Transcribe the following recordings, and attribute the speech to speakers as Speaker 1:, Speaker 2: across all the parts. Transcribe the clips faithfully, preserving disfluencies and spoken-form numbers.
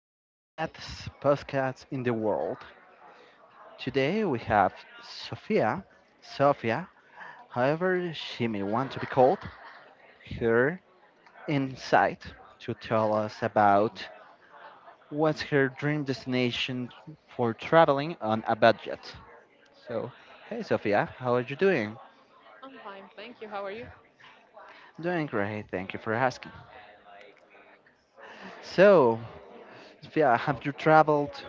Speaker 1: your best podcast in the world. Today we have Sophia, Sophia, however she may want to be called, her insight to tell us about what's her dream destination for traveling on a budget. So, Hey Sophia, how are you doing?
Speaker 2: I'm fine, thank you. How are you?
Speaker 1: Doing great, thank you for asking. So, Sophia, have you traveled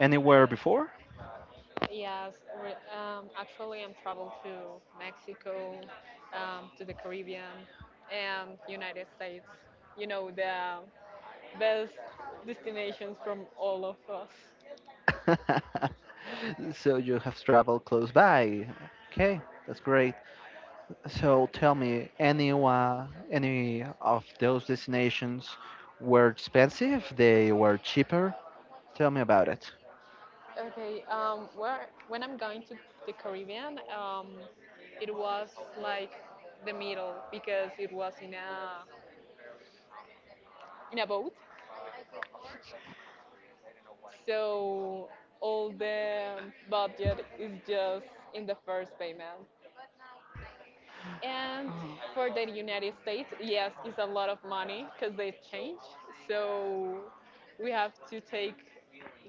Speaker 1: anywhere before?
Speaker 2: Yes, re- um, actually, I'm traveled to Mexico, um, to the Caribbean, and United States. You know, the best destinations from all of us.
Speaker 1: So you have traveled close by. Okay, that's great. So tell me, any one, any of those destinations were expensive? They were cheaper? Tell me about it.
Speaker 2: Okay, um, where when I'm going to the Caribbean, um, it was like the middle because it was in a in a boat. So all the budget is just in the first payment. And
Speaker 1: Oh.
Speaker 2: for the United States, yes, it's a lot of money because they change. So we have to take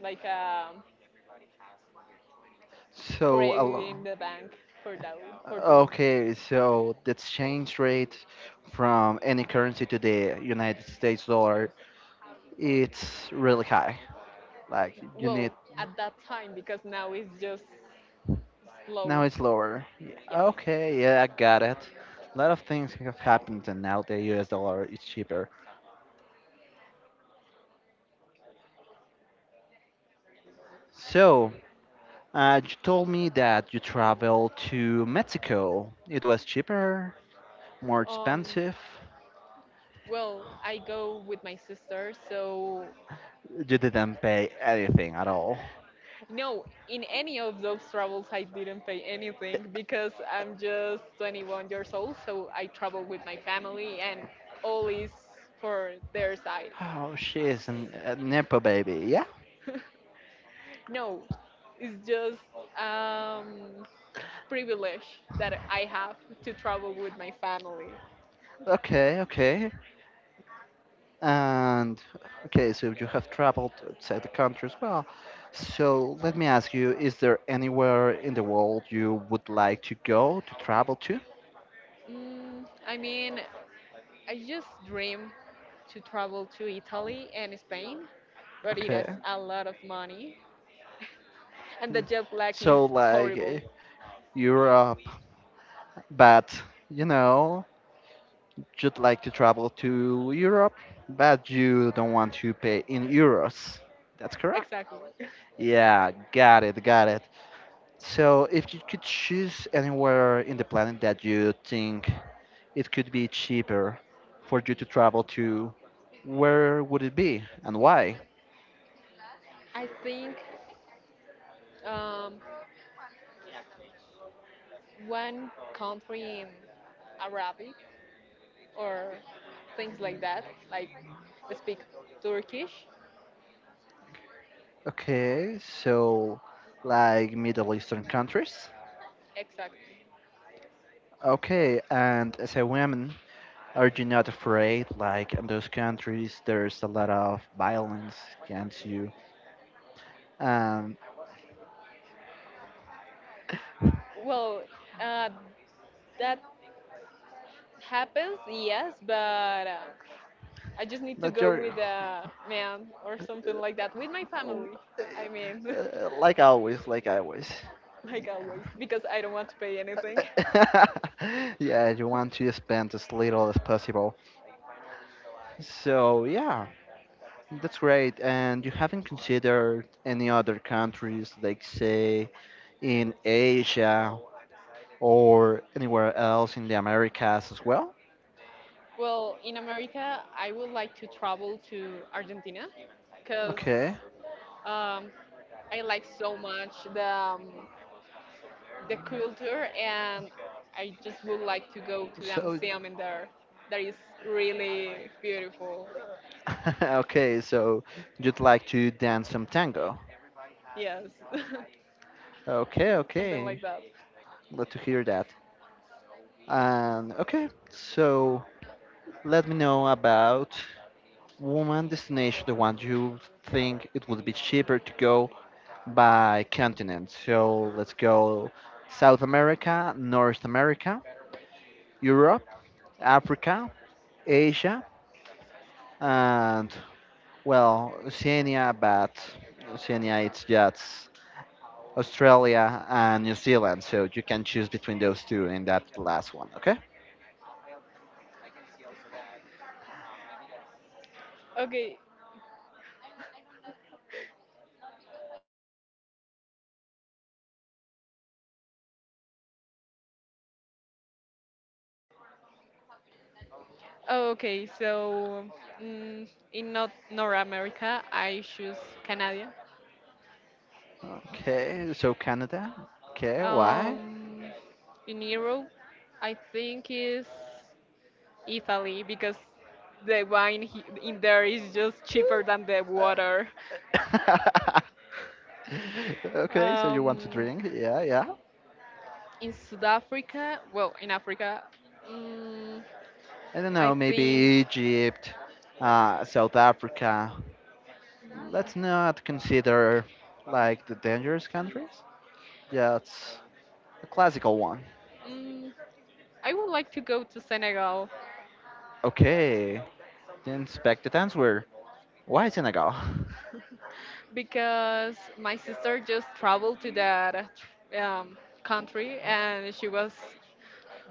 Speaker 2: like a
Speaker 1: So, a
Speaker 2: credit
Speaker 1: lo-
Speaker 2: in the bank for that for those.
Speaker 1: okay, so the exchange rate from any currency to the United States dollar, it's really high. Like you
Speaker 2: Well,
Speaker 1: need.
Speaker 2: at that time because now it's just
Speaker 1: Now
Speaker 2: slow.
Speaker 1: it's lower. Yeah.
Speaker 2: Yes.
Speaker 1: Okay, yeah, I got it. A lot of things have happened, and now the U S dollar is cheaper. So, uh, you told me that you traveled to Mexico. It was cheaper, more
Speaker 2: Um.
Speaker 1: expensive.
Speaker 2: Well, I go with my sister, so
Speaker 1: You didn't pay anything at all.
Speaker 2: no, in any of those travels, I didn't pay anything because I'm just twenty-one years old, so I travel with my family and all is for their side.
Speaker 1: Oh, she is an, a Nepo baby, yeah?
Speaker 2: No, it's just um, privilege that I have to travel with my family.
Speaker 1: Okay, okay. And okay, so you have traveled outside the country as well. So let me ask you, is there anywhere in the world you would like to go to travel to?
Speaker 2: Mm, I mean, I just dream to travel to Italy and Spain, but it has
Speaker 1: Okay.
Speaker 2: a lot of money, and the
Speaker 1: Mm.
Speaker 2: jet lag is
Speaker 1: So like eh,
Speaker 2: horrible.
Speaker 1: Europe, but you know, you'd like to travel to Europe, but you don't want to pay in euros. That's correct.
Speaker 2: Exactly.
Speaker 1: Yeah, got it, got it. So if you could choose anywhere in the planet that you think it could be cheaper for you to travel to, where would it be and why?
Speaker 2: I think um, one country in Arabic or things like that, like speak Turkish.
Speaker 1: Okay, so like Middle Eastern countries.
Speaker 2: Exactly.
Speaker 1: Okay, and as a woman, are you not afraid? Like in those countries, there's a lot of violence against you. Um,
Speaker 2: Well, uh, that happens, yes, but uh, I just need to
Speaker 1: but
Speaker 2: go
Speaker 1: you're
Speaker 2: with a man or something like that with my
Speaker 1: oh,
Speaker 2: family. I mean,
Speaker 1: uh, like always, like always. Yeah.
Speaker 2: like always, because I don't want to pay anything.
Speaker 1: Yeah, you want to spend as little as possible. So yeah, that's great. And you haven't considered any other countries, like say in Asia or anywhere else in the Americas as well?
Speaker 2: Well, in America, I would like to travel to Argentina because
Speaker 1: Okay.
Speaker 2: Um, I like so much the um, the culture, and I just would like to go to the
Speaker 1: So
Speaker 2: museum in there. That is really beautiful.
Speaker 1: okay, so you'd like to dance some tango.
Speaker 2: Yes,
Speaker 1: Okay,
Speaker 2: something like
Speaker 1: okay.
Speaker 2: that.
Speaker 1: Glad to hear that. And okay, so let me know about one destination, the one you think it would be cheaper to go by continent. So let's go South America, North America, Europe, Africa, Asia, and well, Oceania, but Oceania it's just Australia and New Zealand. So you can choose between those two in that last one, okay?
Speaker 2: Okay, oh, okay. So mm, in North North America, I choose Canada.
Speaker 1: Okay, so Canada. Okay, why?
Speaker 2: Um, in Europe, I think is Italy because the wine he- in there is just cheaper than the water.
Speaker 1: Okay, so you want to
Speaker 2: Um,
Speaker 1: drink? Yeah, yeah.
Speaker 2: in South Africa, well, in Africa, mm,
Speaker 1: I don't
Speaker 2: I
Speaker 1: know, maybe
Speaker 2: think
Speaker 1: Egypt, uh, South Africa.
Speaker 2: mm,
Speaker 1: Let's not consider like the dangerous countries. That's a classical one.
Speaker 2: mm, I would like to go to Senegal
Speaker 1: Okay, then inspect the answer. Why Senegal?
Speaker 2: because my sister just traveled to that um, country and she was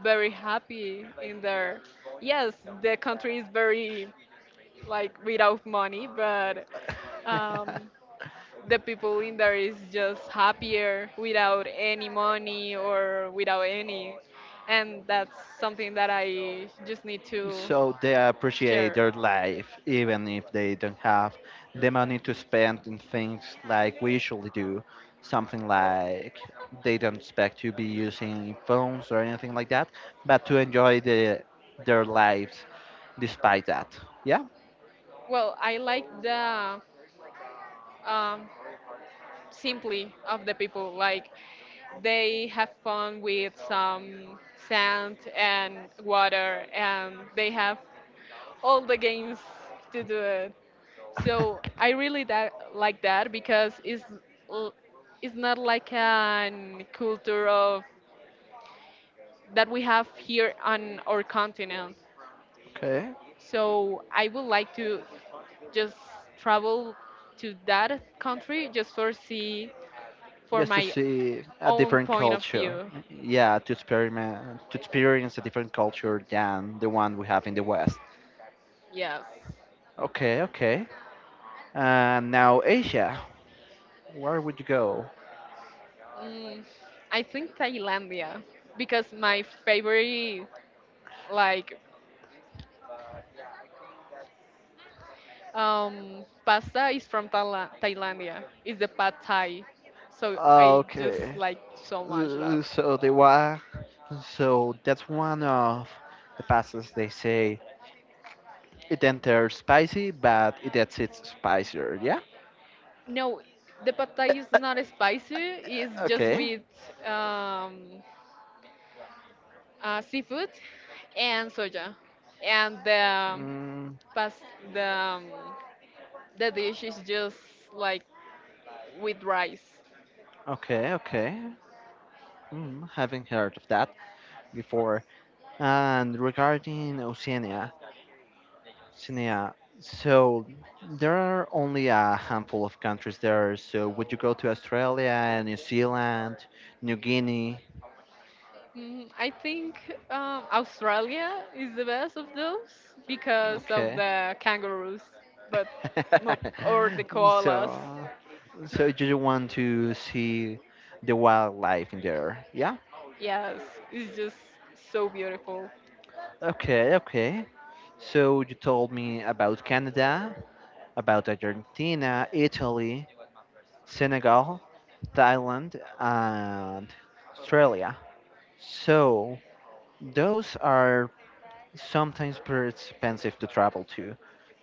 Speaker 2: very happy in there. Yes, the country is very like without money, but um, the people in there is just happier without any money or without any. And that's something that I just need to
Speaker 1: So they appreciate
Speaker 2: share.
Speaker 1: their life even if they don't have the money to spend in things like we usually do, something like they don't expect to be using phones or anything like that, but to enjoy the, their lives despite that, yeah.
Speaker 2: Well, I like the um, simply of the people. Like they have fun with some sand and water, and they have all the games to do it. So I really that like that because it's l- it's not like an culture of that we have here on our continent.
Speaker 1: Okay,
Speaker 2: So I would like to just travel to that country just for see for
Speaker 1: just to
Speaker 2: my
Speaker 1: see a
Speaker 2: own
Speaker 1: different
Speaker 2: point of
Speaker 1: culture,
Speaker 2: view.
Speaker 1: yeah, to experiment to experience a different culture than the one we have in the west.
Speaker 2: Yes.
Speaker 1: Okay, okay. And now Asia, where would you go?
Speaker 2: Mm, I think Thailandia because my favorite like Um, pasta is from Thaila- Thailandia. It's the pad thai. So I just
Speaker 1: Okay.
Speaker 2: like so much that.
Speaker 1: Uh, So they were. So that's one of the passes they say it enters spicy, but it exits spicier. Yeah.
Speaker 2: No, the pad thai is not spicy. It's just
Speaker 1: Okay.
Speaker 2: with um, uh, seafood and soja. And the
Speaker 1: Mm,
Speaker 2: past the um, the dish is just like with rice.
Speaker 1: okay, okay. Mm, haven't heard of that before. And regarding Oceania, Sinea, so there are only a handful of countries there. So would you go to Australia, New Zealand, New Guinea?
Speaker 2: Mm, I think um, Australia is the best of those because of
Speaker 1: Okay.
Speaker 2: the kangaroos, but not or the koalas.
Speaker 1: So, so you just want to see the wildlife in there? Yeah.
Speaker 2: Yes, it's just so beautiful.
Speaker 1: Okay. Okay. So you told me about Canada, about Argentina, Italy, Senegal, Thailand, and Australia. So those are sometimes pretty expensive to travel to.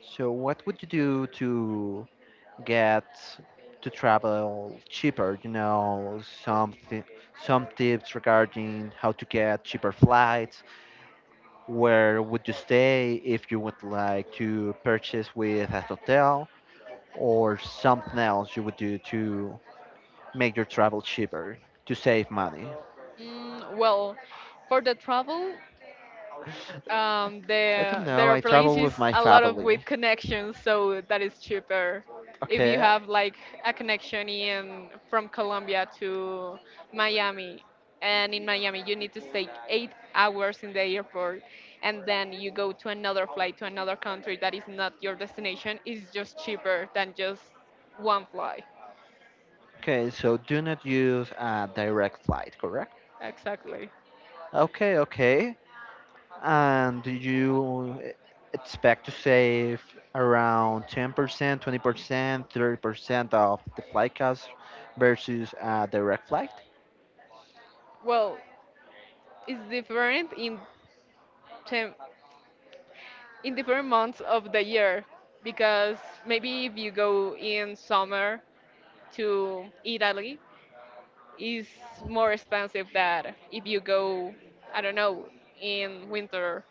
Speaker 1: So what would you do to get to travel cheaper? You know, some thi- some tips regarding how to get cheaper flights. Where would you stay if you would like to purchase with a hotel or something else you would do to make your travel cheaper to save money?
Speaker 2: Mm, well, for the travel, um,
Speaker 1: I don't
Speaker 2: the the
Speaker 1: know. I
Speaker 2: airplanes
Speaker 1: travel
Speaker 2: use
Speaker 1: with my
Speaker 2: a lot of
Speaker 1: family.
Speaker 2: with connections, so that is cheaper. If you
Speaker 1: Okay.
Speaker 2: have like a connection in from Colombia to Miami, and in Miami you need to stay eight hours in the airport, and then you go to another flight to another country that is not your destination, it's just cheaper than just one flight.
Speaker 1: Okay, so do not use a direct flight, correct?
Speaker 2: Exactly.
Speaker 1: Okay, okay. And do you e- expect to save around ten percent, twenty percent, thirty percent of the flight cost versus a direct flight?
Speaker 2: Well, it's different in term in different months of the year because maybe if you go in summer to Italy is more expensive than if you go I don't know in winter.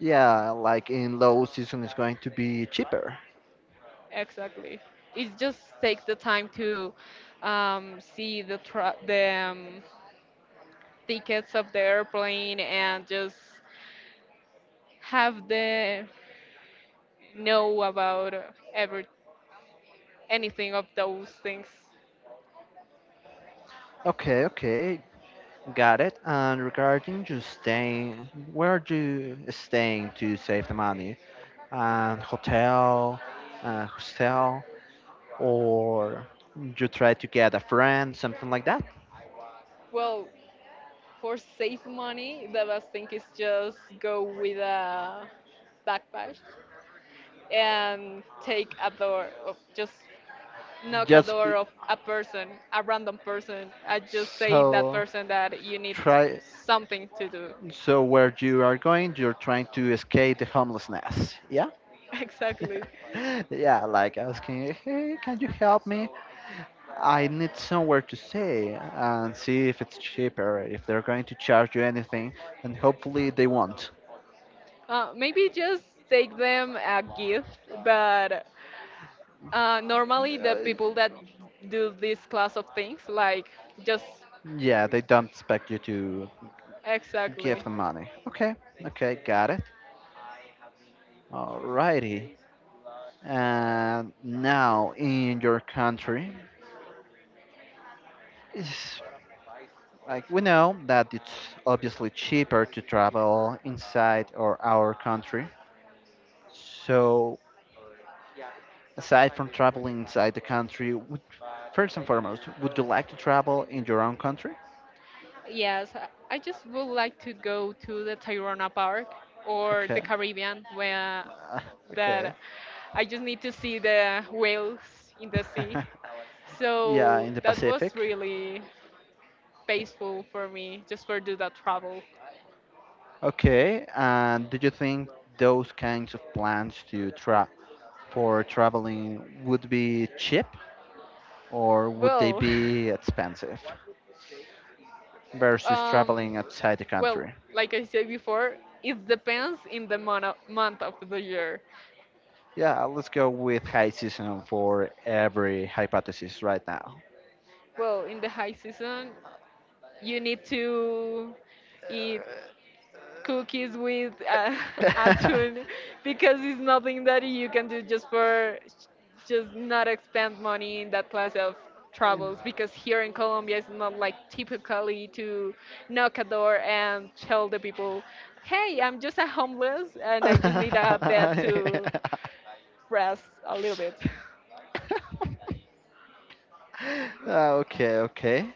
Speaker 1: Yeah, like in low season, it's going to be cheaper.
Speaker 2: Exactly. It just take the time to um, see the tra- the um, tickets of the airplane and just have the know about every anything of those things.
Speaker 1: Okay, okay. Got it. And regarding you staying, where are you staying to save the money? And hotel, uh, hostel? Or you try to get a friend, something like that.
Speaker 2: Well, for save money, the best thing is just go with a backpack and take a door, of just knock a
Speaker 1: Just be,
Speaker 2: door of a person, a random person, and just say that
Speaker 1: so
Speaker 2: person that you need
Speaker 1: try
Speaker 2: something to do.
Speaker 1: so where you are going, you're trying to escape the homelessness. Yeah,
Speaker 2: Exactly.
Speaker 1: yeah, like asking, hey, can you help me? I need somewhere to stay and see if it's cheaper, if they're going to charge you anything, and hopefully they won't.
Speaker 2: Uh, maybe just take them a gift, but uh, normally the
Speaker 1: Uh,
Speaker 2: people that do this class of things, like just
Speaker 1: yeah, they don't expect you to give
Speaker 2: exactly.
Speaker 1: them money. Okay, okay, got it. Alrighty. And now in your country, it's like we know that it's obviously cheaper to travel inside or our country. So aside from traveling inside the country, would, first and foremost, would you like to travel in your own country?
Speaker 2: Yes, I I just would like to go to the Tayrona Park or the
Speaker 1: Okay.
Speaker 2: Caribbean where
Speaker 1: Uh, okay.
Speaker 2: that I just need to see the whales in the sea.
Speaker 1: Yeah,
Speaker 2: So
Speaker 1: in the
Speaker 2: that was
Speaker 1: Pacific.
Speaker 2: really
Speaker 1: Okay.
Speaker 2: peaceful for me just for do that travel.
Speaker 1: Okay, and do you think those kinds of plans to tra for traveling would be cheap? Or would they
Speaker 2: Well,
Speaker 1: be expensive versus
Speaker 2: um,
Speaker 1: traveling outside the
Speaker 2: well,
Speaker 1: country?
Speaker 2: like I said before, it depends in the mon- month of the year.
Speaker 1: Yeah, let's go with high season for every hypothesis right now.
Speaker 2: Well, in the high season, you need to eat cookies with uh, atún because it's nothing that you can do just for just not expend money in that class of travels because here in Colombia it's not like typically to knock a door and tell the people, "Hey, I'm just a homeless and I just need a bed to rest a little bit."
Speaker 1: Okay, okay.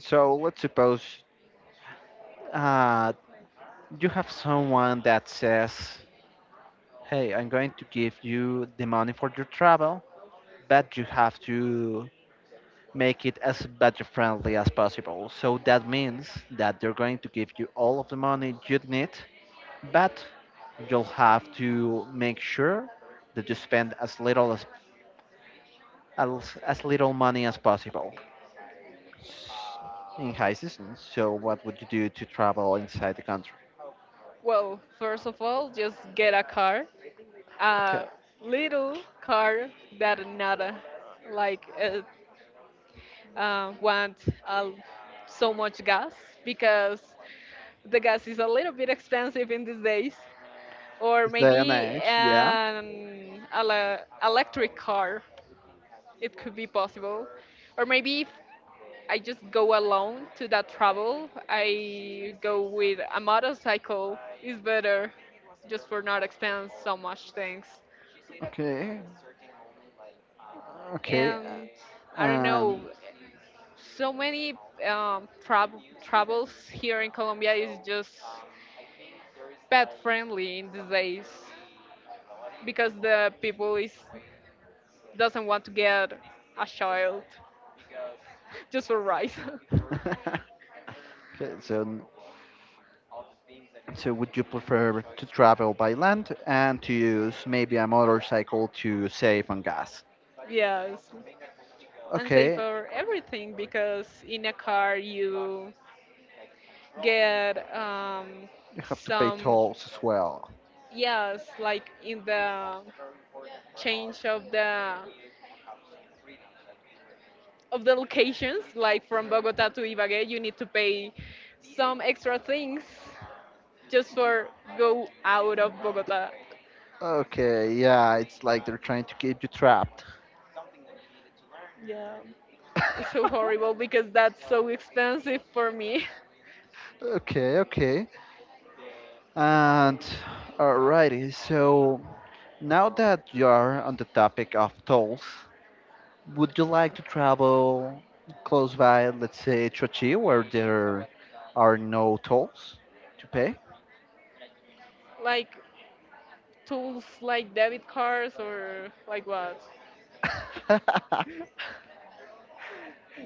Speaker 1: So let's suppose uh, you have someone that says, hey, I'm going to give you the money for your travel, but you have to make it as budget friendly as possible. So that means that they're going to give you all of the money you need, but you'll have to make sure that you spend as little as as, as little money as possible s- in high season. So what would you do to travel inside the country?
Speaker 2: Well, first of all, just get a car,
Speaker 1: Okay,
Speaker 2: a little car that not a, like uh, uh, want uh, so much gas because the gas is a little bit expensive in these days, or
Speaker 1: this day and
Speaker 2: maybe
Speaker 1: age, yeah.
Speaker 2: an ele- electric car. It could be possible, or maybe if I just go alone to that travel, I go with a motorcycle. Is better, just for not expense so much things.
Speaker 1: Okay, okay.
Speaker 2: And
Speaker 1: uh,
Speaker 2: I don't know,
Speaker 1: Um,
Speaker 2: so many um, trab- travels here in Colombia is just pet friendly in these days because the people is doesn't want to get a child just for rice.
Speaker 1: okay, so so, would you prefer to travel by land and to use maybe a motorcycle to save on gas?
Speaker 2: Yes, and save
Speaker 1: Okay,
Speaker 2: for everything because in a car you get um,
Speaker 1: you have to pay
Speaker 2: some
Speaker 1: tolls as well.
Speaker 2: yes like in the change of the of the locations, like from Bogota to Ibagué, you need to pay some extra things just for go out of Bogota.
Speaker 1: Okay, yeah, it's like they're trying to keep you trapped.
Speaker 2: Yeah, it's so horrible because that's so expensive for me.
Speaker 1: Okay, okay. And alrighty, so now that you are on the topic of tolls, would you like to travel close by, let's say, Trochi, where there are no tolls to pay?
Speaker 2: Like tools like debit cards or like what?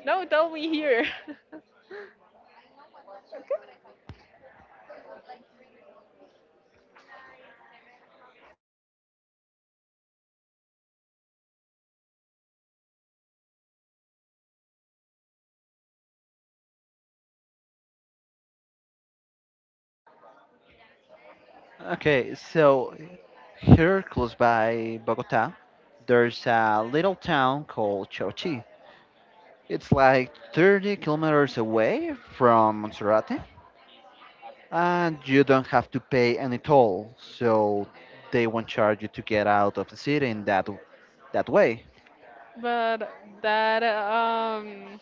Speaker 2: No, tell me here.
Speaker 1: Okay, so here close by Bogota, there's a little town called Chochi. It's like thirty kilometers away from Monserrate, and you don't have to pay any toll, so they won't charge you to get out of the city in that that way.
Speaker 2: but that um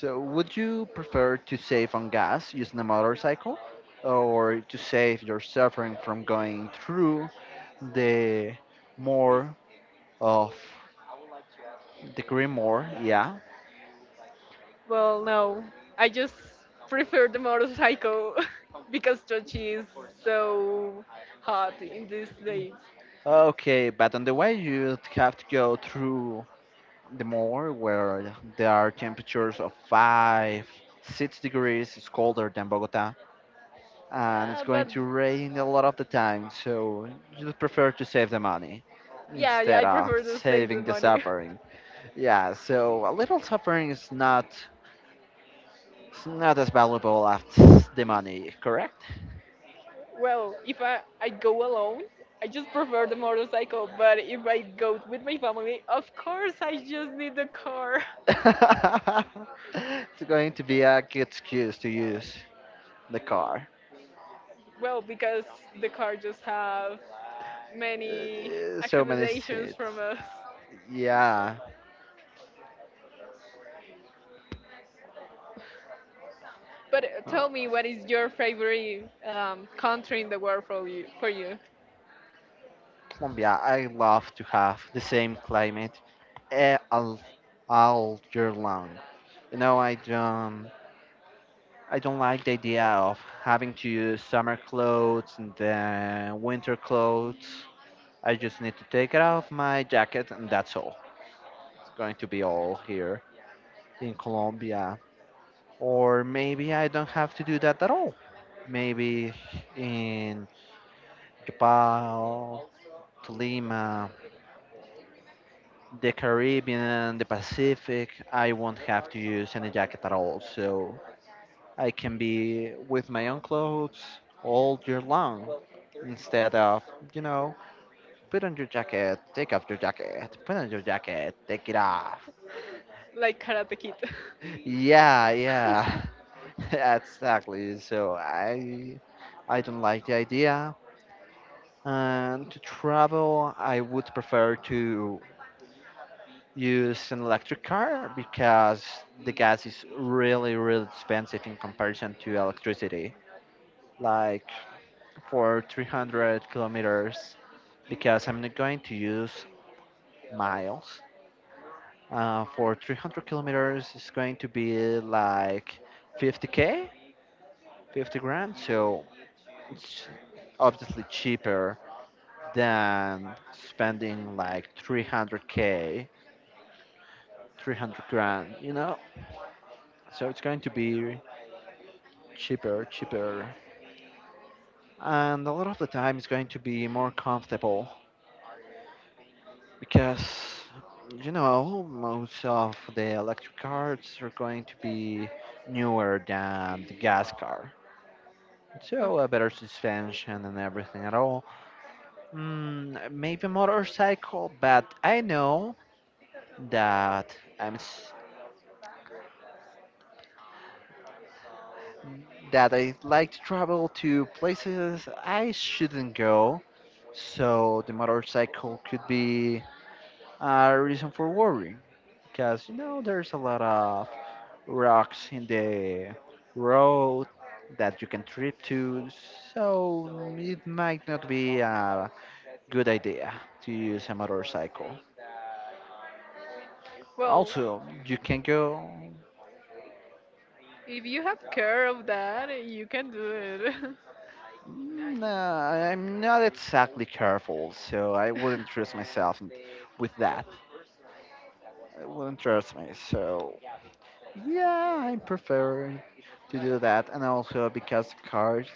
Speaker 1: So, would you prefer to save on gas using a motorcycle or to save your suffering from going through the more of the green Grimoire? Yeah.
Speaker 2: well no, I just prefer the motorcycle because Sochi is so hot in these days.
Speaker 1: Okay, but on the way, you'd have to go through the moor where there are temperatures of five, six degrees. It's colder than Bogota and it's
Speaker 2: Uh,
Speaker 1: going
Speaker 2: but
Speaker 1: to rain a lot of the time. So, you'd prefer to save the money
Speaker 2: yeah, yeah,
Speaker 1: instead
Speaker 2: I
Speaker 1: of
Speaker 2: prefer to save the
Speaker 1: saving the
Speaker 2: money.
Speaker 1: suffering. Yeah, so a little suffering is not is not as valuable as the money, correct?
Speaker 2: Well, if I, I go alone, I just prefer the motorcycle. But if I go with my family, of course I just need the car.
Speaker 1: It's going to be a good excuse to use the car.
Speaker 2: Well, because the car just have many
Speaker 1: Uh, so many
Speaker 2: accommodations from
Speaker 1: states.
Speaker 2: us.
Speaker 1: Yeah,
Speaker 2: But uh, tell
Speaker 1: uh,
Speaker 2: me, what is your favorite um, country in the world for you? For you,
Speaker 1: Colombia. I love to have the same climate eh, all, all year long. You know, I don't. I don't like the idea of having to use summer clothes and then winter clothes. I just need to take it off my jacket and that's all. It's going to be all here in Colombia. Or maybe I don't have to do that at all. Maybe in Japan, Lima, the Caribbean, the Pacific, I won't have to use any jacket at all. So I can be with my own clothes all year long instead of, you know, put on your jacket, take off your jacket, put on your jacket, take it off.
Speaker 2: like Karate Kid.
Speaker 1: Yeah, yeah, exactly. So I, I don't like the idea. And to travel, I would prefer to use an electric car because the gas is really, really expensive in comparison to electricity. Like for three hundred kilometers, because I'm not going to use miles. Uh, for three hundred kilometers, it's going to be like fifty k, fifty grand. So it's obviously cheaper than spending like three hundred k, three hundred grand, you know, so it's going to be cheaper, cheaper, and a lot of the time it's going to be more comfortable because you know most of the electric cars are going to be newer than the gas car, so
Speaker 2: Okay.
Speaker 1: a better suspension and everything at all. Mm, maybe motorcycle, but I know that I'm s- that I like to travel to places I shouldn't go, so the motorcycle could be a reason for worry, because you know there's a lot of rocks in the road that you can trip to, so it might not be a good idea to use a motorcycle.
Speaker 2: Well,
Speaker 1: Also, you can go.
Speaker 2: if you have care of that, you can do it.
Speaker 1: Mm, uh, I'm not exactly careful, so I wouldn't trust myself in- with that. I wouldn't trust me, so yeah, I prefer to do that. And also because the car's,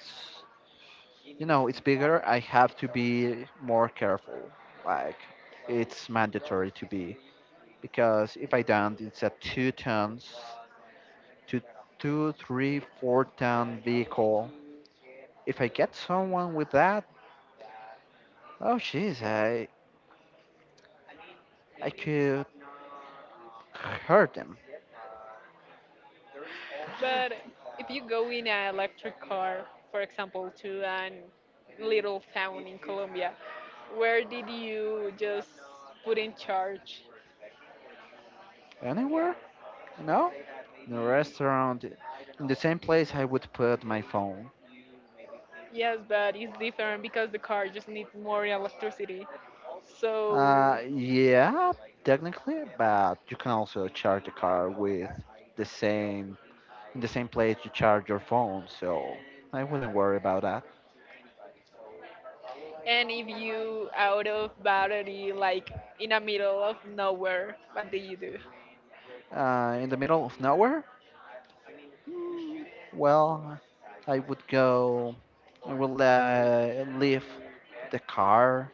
Speaker 1: you know, it's bigger, I have to be more careful. Like, it's mandatory to be. Because if I don't, it's a two tons, two, two, three, four ton vehicle. If I get someone with that, oh jeez, I I could heard them.
Speaker 2: But if you go in an electric car, for example, to a little town in Colombia, where did you just put in charge?
Speaker 1: Anywhere? No? In a restaurant, in the same place I would put my phone.
Speaker 2: Yes, but it's different because the car just needs more electricity. So,
Speaker 1: Uh, yeah, technically, but you can also charge the car with the same in the same place you charge your phone, so I wouldn't worry about that.
Speaker 2: and if you out of battery, like in the middle of nowhere, what do you do?
Speaker 1: Uh, in the middle of nowhere? Mm, Well, I would go. I will uh, leave the car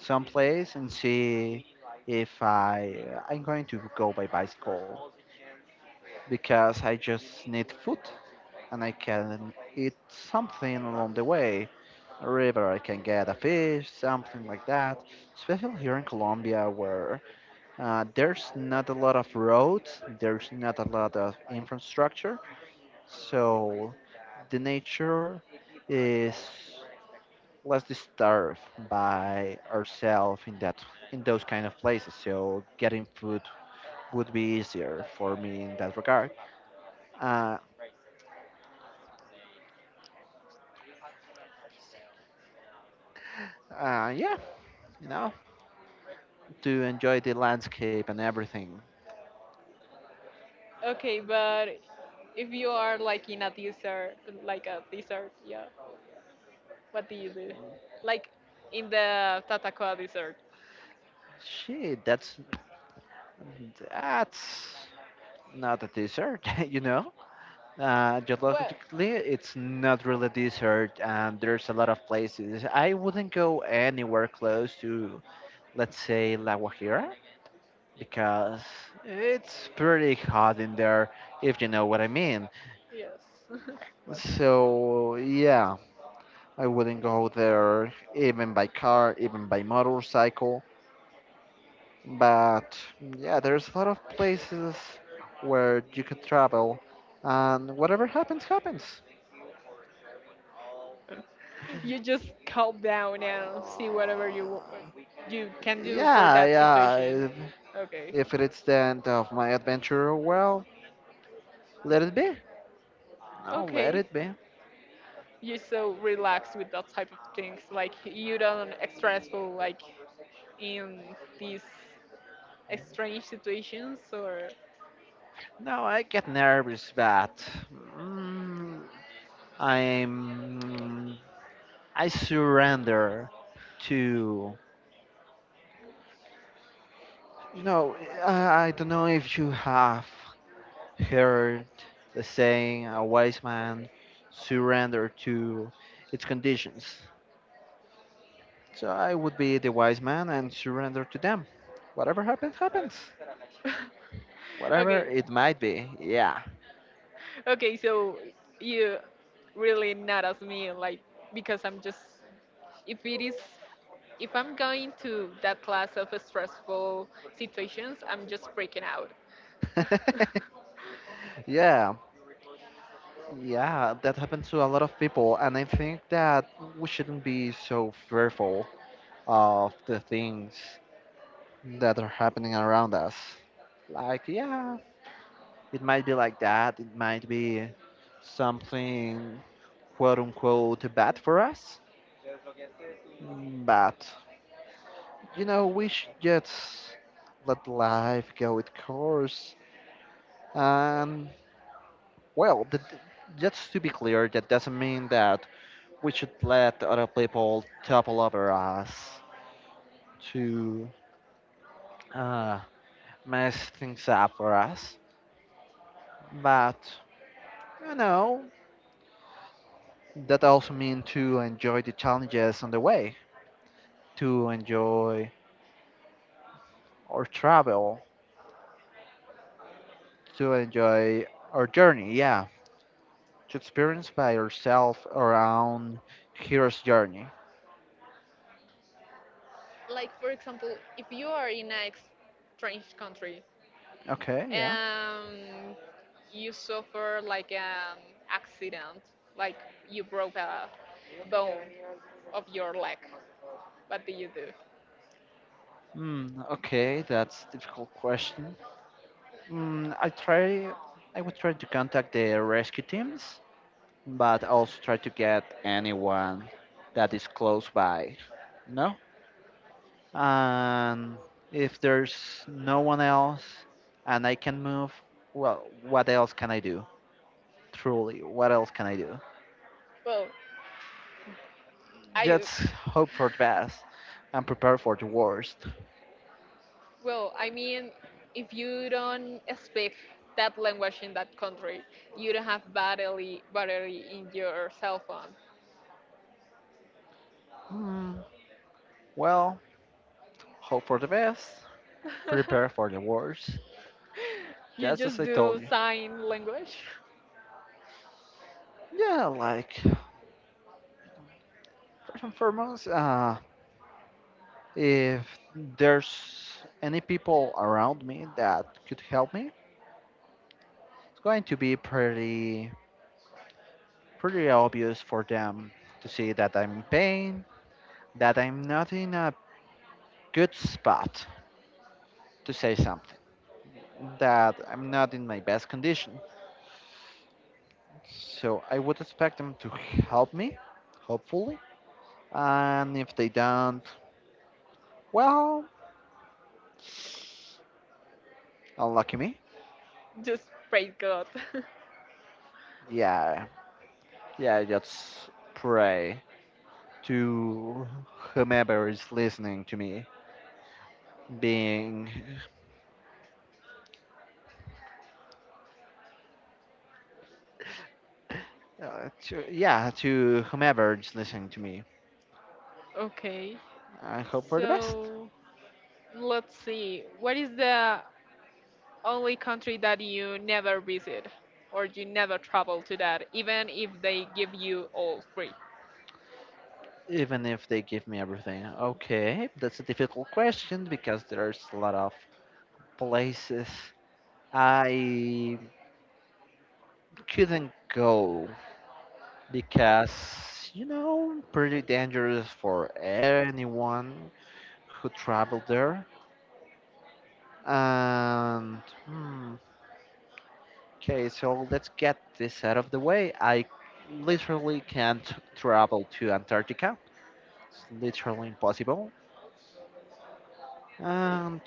Speaker 1: someplace and see if I uh, I'm going to go by bicycle because I just need food and I can eat something along the way. A river, I can get a fish, something like that. Especially here in Colombia, where uh, there's not a lot of roads, there's not a lot of infrastructure, so the nature is less disturbed by ourselves in that in those kind of places. So getting food would be easier for me in that regard. Uh, uh, yeah, you know, to enjoy the landscape and everything.
Speaker 2: Okay, but if you are like in a desert, like a desert, yeah, what do you do? Like in the Tatacoa desert.
Speaker 1: Shit, that's that's not a dessert, you know. Uh,
Speaker 2: Well,
Speaker 1: geologically, it's not really dessert, and there's a lot of places. I wouldn't go anywhere close to, let's say, La Guajira because it's pretty hot in there, if you know what I mean.
Speaker 2: yes.
Speaker 1: So, yeah, I wouldn't go there even by car, even by motorcycle. But yeah, there's a lot of places where you could travel, and whatever happens, happens.
Speaker 2: You just calm down
Speaker 1: Uh,
Speaker 2: and see whatever you wa- uh, you can do for
Speaker 1: yeah,
Speaker 2: that
Speaker 1: yeah.
Speaker 2: situation.
Speaker 1: If,
Speaker 2: Okay.
Speaker 1: if it's the end of my adventure, well, let it be. No, let
Speaker 2: Okay.
Speaker 1: it be.
Speaker 2: You're so relaxed with that type of things. Like you don't stressful like in these strange situations or
Speaker 1: No, I get nervous, but mm, I'm I surrender to you know I, I don't know if you have heard the saying, a wise man surrender to its conditions. So I would be the wise man and surrender to them. Whatever happens, happens. Whatever
Speaker 2: okay,
Speaker 1: it might be, yeah.
Speaker 2: okay, so you really not as me, like because I'm just, if it is, if I'm going to that class of stressful situations, I'm just freaking out.
Speaker 1: Yeah, yeah, that happens to a lot of people, and I think that we shouldn't be so fearful of the things that are happening around us. Like, yeah, it might be like that, it might be something quote unquote bad for us, but you know, we should just let life go its course. And well, the, just to be clear, that doesn't mean that we should let other people topple over us to uh, mess things up for us. But, you know, that also means to enjoy the challenges on the way, to enjoy our travel, to enjoy our journey, yeah. To experience by yourself around hero's journey.
Speaker 2: Like for example, if you are in a ex- strange country
Speaker 1: Okay, yeah.
Speaker 2: and you suffer like an accident, like you broke a bone of your leg, what do you do?
Speaker 1: Mm, okay, that's difficult question. Mm, I try. I would try to contact the rescue teams but also try to get anyone that is close by, you know? And if there's no one else and I can move, well, what else can I do? Truly, what else can I do?
Speaker 2: Well I
Speaker 1: Just hope for the best and prepare for the worst.
Speaker 2: Well, I mean, if you don't speak that language in that country, you don't have battery battery in your cell phone.
Speaker 1: Hmm, well, hope for the best, prepare for the worst,
Speaker 2: You
Speaker 1: just as
Speaker 2: just
Speaker 1: I told
Speaker 2: do
Speaker 1: you.
Speaker 2: sign language.
Speaker 1: Yeah, like, first and foremost, uh, If there's any people around me that could help me, it's going to be pretty pretty obvious for them to see that I'm in pain, that I'm not in a good spot to say something, that I'm not in my best condition. So I would expect them to help me, hopefully. And if they don't, well, unlucky me.
Speaker 2: Just pray God.
Speaker 1: Yeah, yeah, just pray to whomever is listening to me, being, uh, to, yeah, to whomever is listening to me.
Speaker 2: Okay.
Speaker 1: I hope for the best,
Speaker 2: So let's see. What is the only country that you never visit or you never travel to that, even if they give you all free?
Speaker 1: even if they give me everything. Okay, that's a difficult question because there's a lot of places I couldn't go because, you know, pretty dangerous for anyone who traveled there. And hmm, Okay, so let's get this out of the way. I literally can't travel to Antarctica. It's literally impossible. And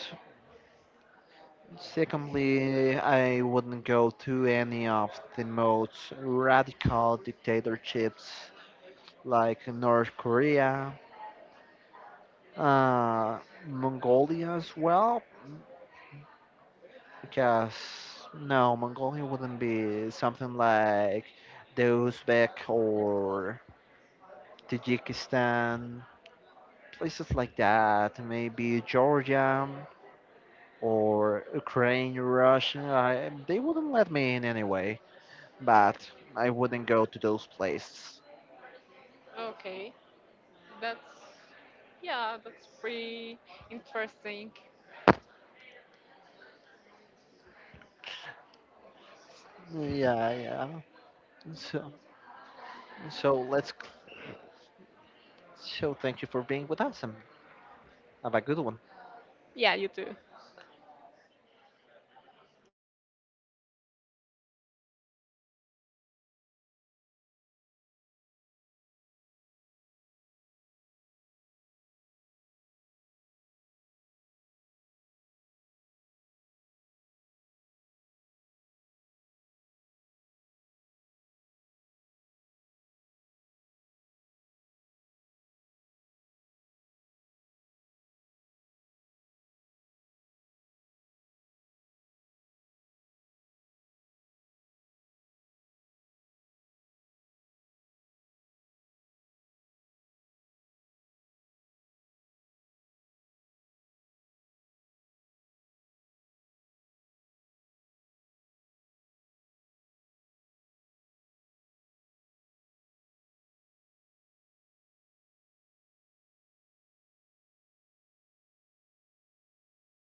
Speaker 1: secondly, I wouldn't go to any of the most radical dictatorships like North Korea, uh, Mongolia as well, because no, Mongolia wouldn't be something like the Uzbek or Tajikistan places like that, maybe Georgia or Ukraine, Russia. I, they wouldn't let me in anyway, but I wouldn't go to those places.
Speaker 2: Okay. That's yeah, that's pretty interesting.
Speaker 1: Yeah, yeah. So, so let's. So, thank you for being with us and have a good one.
Speaker 2: Yeah, you too.